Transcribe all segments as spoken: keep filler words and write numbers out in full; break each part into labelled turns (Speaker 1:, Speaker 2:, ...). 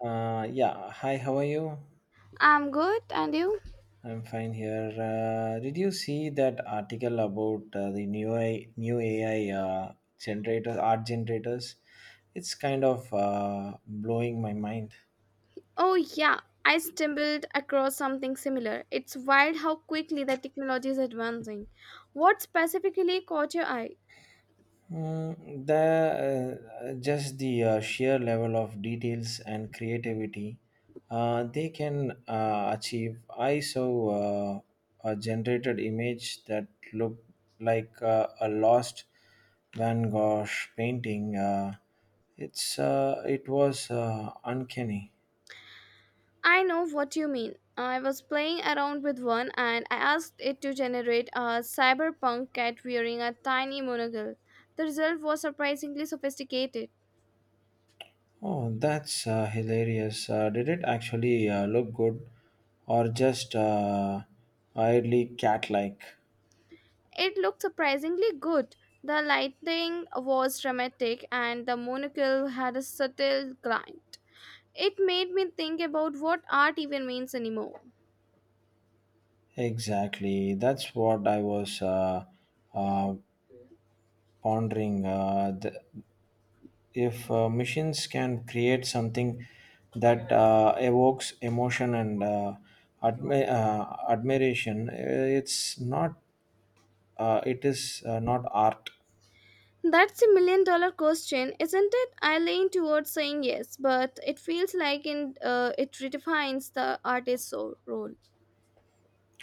Speaker 1: Uh, yeah, hi, how are you?
Speaker 2: I'm good, and you?
Speaker 1: I'm fine here. Uh, did you see that article about uh, the new A I, new A I uh, generators, art generators? It's kind of uh, blowing my mind.
Speaker 2: Oh, yeah, I stumbled across something similar. It's wild how quickly the technology is advancing. What specifically caught your eye?
Speaker 1: Mm, the uh, Just the uh, sheer level of details and creativity uh, they can uh, achieve. I saw uh, a generated image that looked like uh, a lost Van Gogh painting. Uh, it's uh, it was uh, uncanny.
Speaker 2: I know what you mean. I was playing around with one and I asked it to generate a cyberpunk cat wearing a tiny monocle. The result was surprisingly sophisticated.
Speaker 1: Oh, that's uh, hilarious! Uh, did it actually uh, look good, or just uh, oddly cat-like?
Speaker 2: It looked surprisingly good. The lighting was dramatic and the monocle had a subtle glint. It made me think about what art even means anymore.
Speaker 1: Exactly. That's what I was uh, uh, pondering. Uh, th- if uh, machines can create something that uh, evokes emotion and uh, admi- uh, admiration, eh, it's not. Uh, it is uh, not art.
Speaker 2: That's a million dollar question, isn't it? I lean towards saying yes, but it feels like in, uh, it redefines the artist's so- role.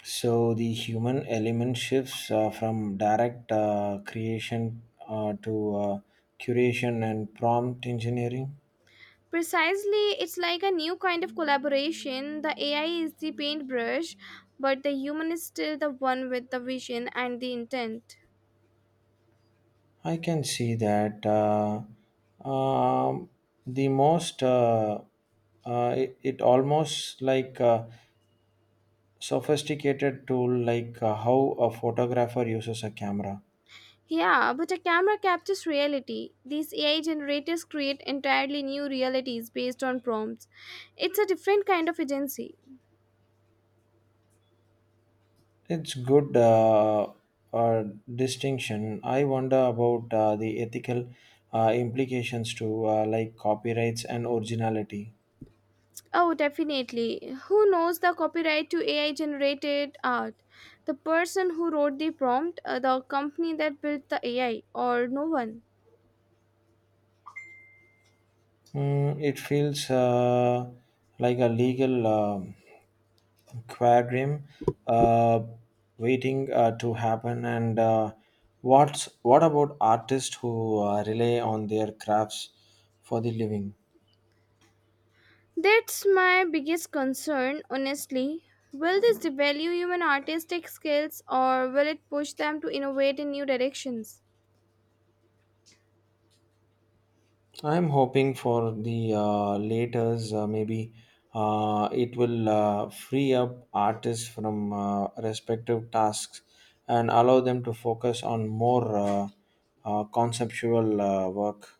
Speaker 1: So the human element shifts uh, from direct uh, creation uh, to uh, curation and prompt engineering.
Speaker 2: Precisely, it's like a new kind of collaboration. The A I is the paintbrush, but the human is still the one with the vision and the intent.
Speaker 1: I can see that. Uh, um, the most uh, uh, it, it almost like a sophisticated tool, like uh, how a photographer uses a camera.
Speaker 2: Yeah, but a camera captures reality. These A I generators create entirely new realities based on prompts. It's a different kind of agency.
Speaker 1: It's good, uh, uh, distinction. I wonder about uh, the ethical uh, implications to uh, like copyrights and originality.
Speaker 2: Oh, definitely. Who knows the copyright to A I generated art? The person who wrote the prompt, uh, the company that built the A I, or no one?
Speaker 1: Mm, it feels uh, like a legal um quagmire, uh, waiting uh, to happen. And uh, what's what about artists who uh, rely on their crafts for the living?
Speaker 2: That's my biggest concern, honestly. Will this devalue human artistic skills or will it push them to innovate in new directions?
Speaker 1: I'm hoping for the uh, laters. Uh, maybe uh, it will uh, free up artists from uh, respective tasks and allow them to focus on more uh, uh, conceptual uh, work.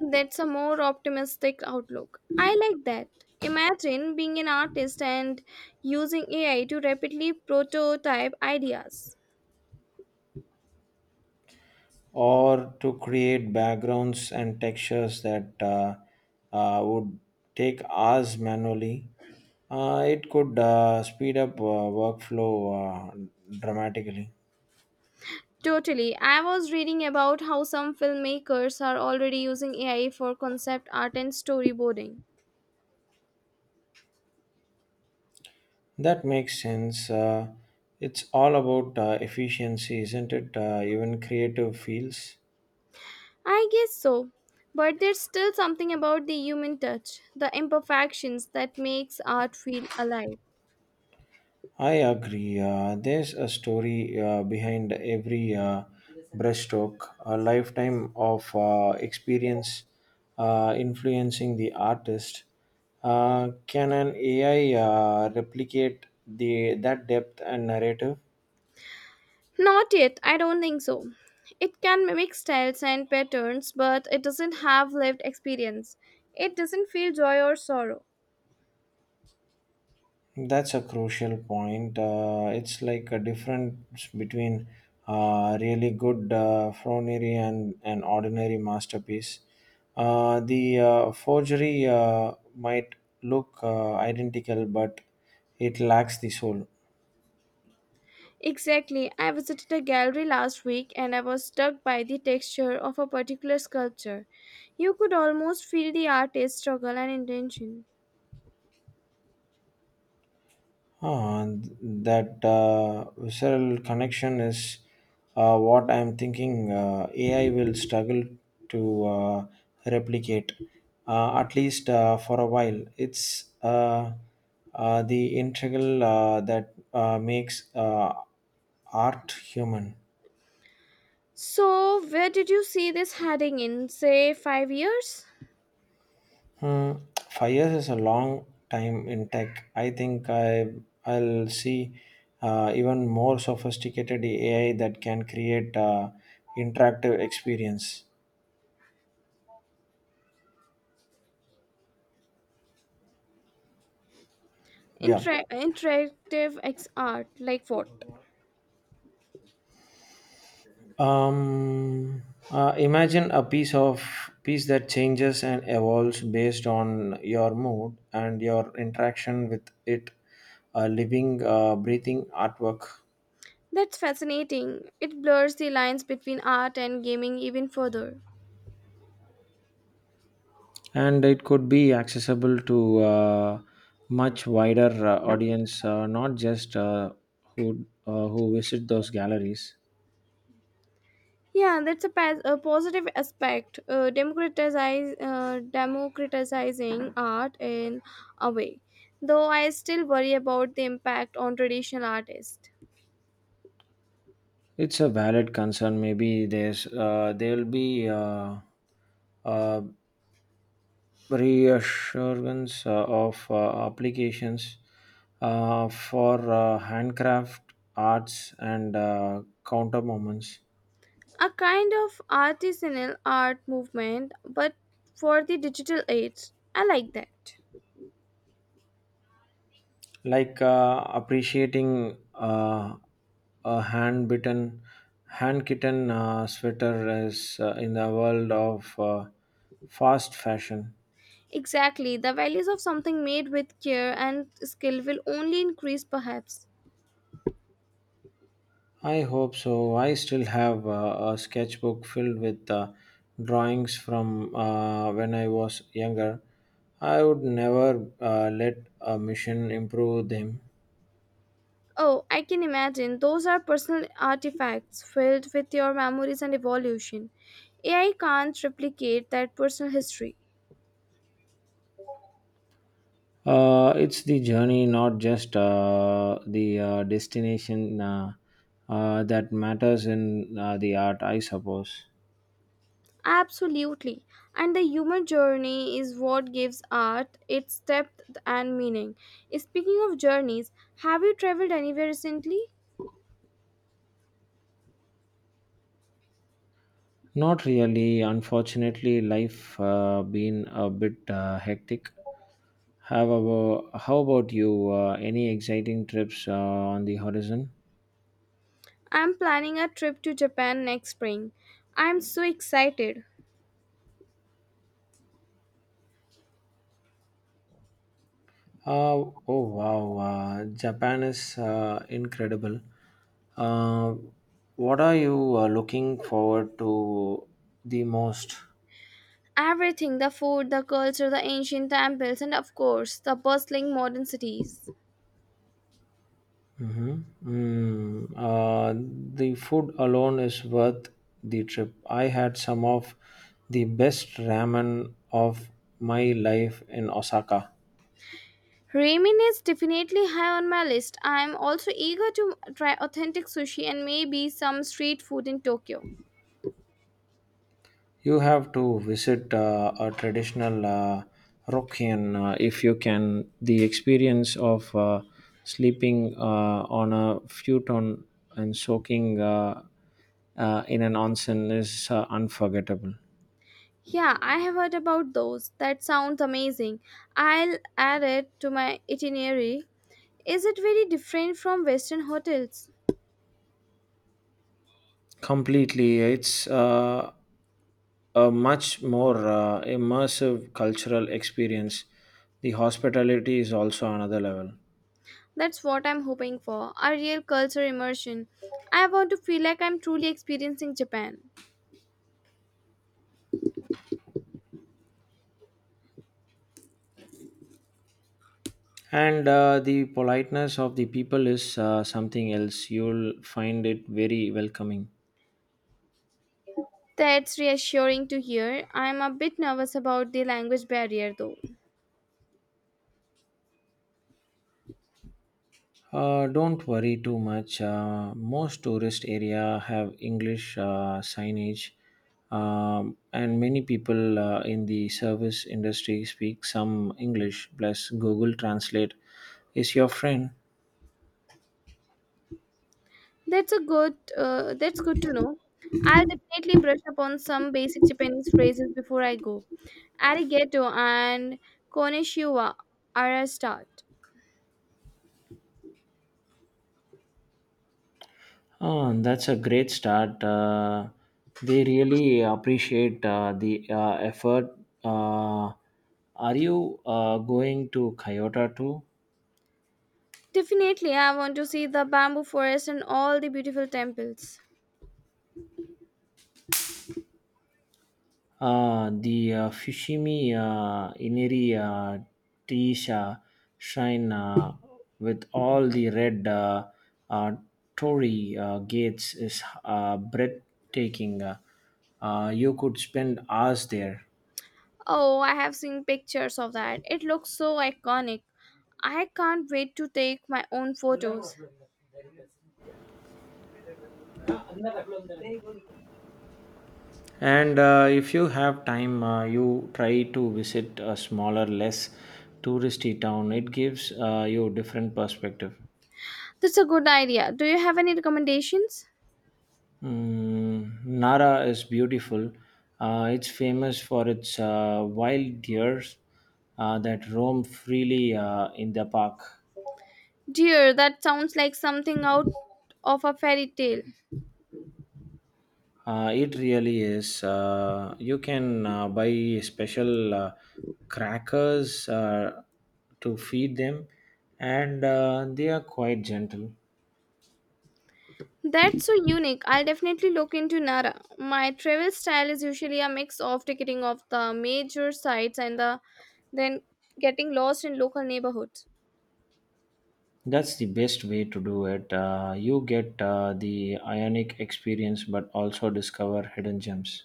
Speaker 2: That's a more optimistic outlook. I like that. Imagine being an artist and using A I to rapidly prototype ideas.
Speaker 1: Or to create backgrounds and textures that uh, uh, would take hours manually. Uh, it could uh, speed up uh, workflow uh, dramatically.
Speaker 2: Totally. I was reading about how some filmmakers are already using A I for concept art and storyboarding.
Speaker 1: That makes sense. Uh, it's all about uh, efficiency, isn't it? Uh, even creative fields.
Speaker 2: I guess so. But there's still something about the human touch, the imperfections that makes art feel alive.
Speaker 1: I agree. Uh, there's a story uh, behind every uh, brushstroke, a lifetime of uh, experience uh, influencing the artist. Uh, can an A I uh, replicate the that depth and narrative?
Speaker 2: Not yet, I don't think so. It can mimic styles and patterns, but it doesn't have lived experience. It doesn't feel joy or sorrow.
Speaker 1: That's a crucial point. Uh, it's like a difference between uh, really good uh, Froneri and an ordinary masterpiece. Uh, the uh, forgery uh, might look uh, identical, but it lacks the soul.
Speaker 2: Exactly. I visited a gallery last week and I was struck by the texture of a particular sculpture. You could almost feel the artist's struggle and intention.
Speaker 1: Ah, that uh, visceral connection is uh, what I'm thinking uh, A I will struggle to uh, replicate, uh, at least uh, for a while. It's uh, uh, the integral uh, that uh, makes uh, art human.
Speaker 2: So, where did you see this heading in, say, five years?
Speaker 1: Hmm, Five years is a long time in tech. I think I I'll see uh, even more sophisticated A I that can create uh, interactive experience. Yeah.
Speaker 2: Inter- interactive ex- art, like what?
Speaker 1: Um. Uh, imagine a piece of piece that changes and evolves based on your mood and your interaction with it. A living, uh, breathing artwork.
Speaker 2: That's fascinating. It blurs the lines between art and gaming even further.
Speaker 1: And it could be accessible to a much wider uh, audience, uh, not just uh, who uh, who visit those galleries.
Speaker 2: Yeah, that's a, pas- a positive aspect. Uh, democratize, uh, democratizing art in a way, though I still worry about the impact on traditional artists.
Speaker 1: It's a valid concern. Maybe there's uh, there'll be uh, uh, reassurance uh, of uh, applications uh, for uh, handcraft arts and uh, counter moments.
Speaker 2: A kind of artisanal art movement, but for the digital age. I like that.
Speaker 1: Like uh, appreciating uh, a hand bitten hand kitten uh, sweater is uh, in the world of uh, fast fashion.
Speaker 2: Exactly, the values of something made with care and skill will only increase, perhaps.
Speaker 1: I hope so. I still have uh, a sketchbook filled with uh, drawings from uh, when I was younger. I would never uh, let a machine improve them.
Speaker 2: Oh, I can imagine. Those are personal artifacts filled with your memories and evolution. A I can't replicate that personal history.
Speaker 1: Uh, it's the journey, not just uh, the uh, destination uh, uh, that matters in uh, the art, I suppose.
Speaker 2: Absolutely. And the human journey is what gives art its depth and meaning. Speaking of journeys, have you traveled anywhere recently?
Speaker 1: Not really. Unfortunately, life uh, been a bit uh, hectic. However, how about you? Uh, any exciting trips uh, on the horizon?
Speaker 2: I'm planning a trip to Japan next spring. I'm so excited.
Speaker 1: Uh, oh wow, uh, Japan is uh, incredible. Uh, what are you uh, looking forward to the most?
Speaker 2: Everything the food, the culture, the ancient temples, and of course, the bustling modern cities.
Speaker 1: Mhm. Mm, uh, the food alone is worth the trip. I had some of the best ramen of my life in Osaka.
Speaker 2: Ramen is definitely high on my list. I am also eager to try authentic sushi and maybe some street food in Tokyo.
Speaker 1: You have to visit uh, a traditional uh, Rokian uh, if you can. The experience of uh, sleeping uh, on a futon and soaking uh, uh, in an onsen is uh, unforgettable.
Speaker 2: Yeah, I have heard about those. That sounds amazing. I'll add it to my itinerary. Is it very different from Western hotels?
Speaker 1: Completely, it's. Uh, a much more uh, immersive cultural experience. The hospitality is also another level.
Speaker 2: That's what I'm hoping for a real culture immersion. I want to feel like I'm truly experiencing Japan.
Speaker 1: And uh, the politeness of the people is uh, something else. You'll find it very welcoming.
Speaker 2: That's reassuring to hear. I'm a bit nervous about the language barrier though.
Speaker 1: Uh, don't worry too much. Uh, most tourist area have English uh, signage, um, and many people uh, in the service industry speak some English. Plus, Google Translate is your friend.
Speaker 2: That's a good. Uh, that's good to know. I'll definitely brush up on some basic Japanese phrases before I go. Arigato and konnichiwa are a start.
Speaker 1: Ah, that's a great start. Uh, they really appreciate uh, the uh, effort. Uh, are you uh, going to Kyoto too?
Speaker 2: Definitely, I want to see the bamboo forest and all the beautiful temples.
Speaker 1: Uh, the uh, Fushimi uh, Inari uh, Teisha shrine uh, with all the red uh, uh, torii uh, gates is uh, breathtaking. Uh, uh, you could spend hours there.
Speaker 2: Oh, I have seen pictures of that. It looks so iconic. I can't wait to take my own photos.
Speaker 1: And uh, if you have time, uh, you try to visit a smaller, less touristy town. It gives uh, you different perspective.
Speaker 2: That's a good idea. Do you have any recommendations?
Speaker 1: Mm, Nara is beautiful. Uh, it's famous for its uh, wild deer uh, that roam freely uh, in the park.
Speaker 2: Dear, that sounds like something out of a fairy tale.
Speaker 1: Uh, it really is. Uh, you can uh, buy special uh, crackers uh, to feed them, and uh, they are quite gentle.
Speaker 2: That's so unique. I'll definitely look into Nara. My travel style is usually a mix of ticketing of the major sites and the then getting lost in local neighborhoods.
Speaker 1: That's the best way to do it. Uh, you get uh, the ionic experience, but also discover hidden gems.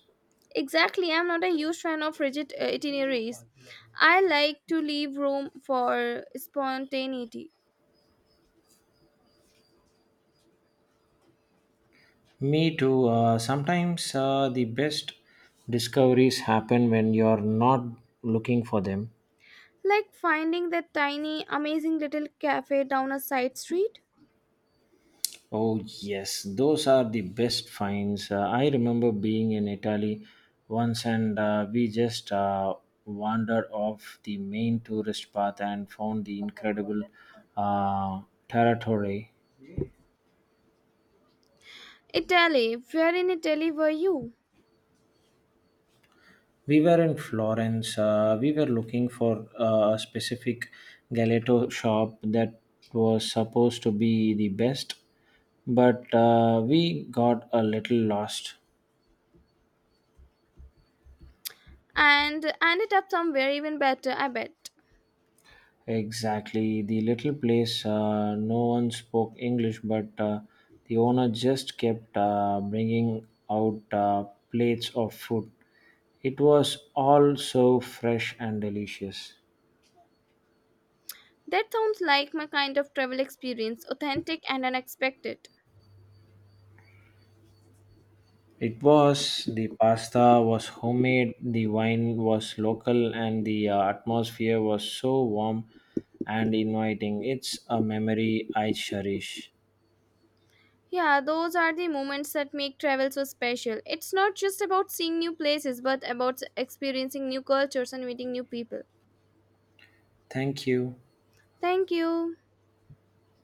Speaker 2: Exactly, I'm not a huge fan of rigid uh, itineraries. I like to leave room for spontaneity,
Speaker 1: Me too. Uh, sometimes uh, the best discoveries happen when you're not looking for them.
Speaker 2: like finding that tiny, amazing little cafe down a side street.
Speaker 1: Oh, yes, those are the best finds. Uh, I remember being in Italy once, and uh, we just uh, wandered off the main tourist path and found the incredible uh, territory.
Speaker 2: Italy, where in Italy were you?
Speaker 1: We were in Florence. Uh, we were looking for uh, a specific gelato shop that was supposed to be the best, but uh, we got a little lost.
Speaker 2: And ended up somewhere even better, I bet.
Speaker 1: Exactly, the little place. Uh, no one spoke English, but uh, the owner just kept uh, bringing out uh, plates of food. It was all so fresh and delicious.
Speaker 2: That sounds like my kind of travel experience authentic and unexpected.
Speaker 1: It was the pasta was homemade, the wine was local, and the uh, atmosphere was so warm and inviting. It's a memory I cherish.
Speaker 2: Yeah, those are the moments that make travel so special. It's not just about seeing new places, but about experiencing new cultures and meeting new people.
Speaker 1: Thank you.
Speaker 2: Thank you.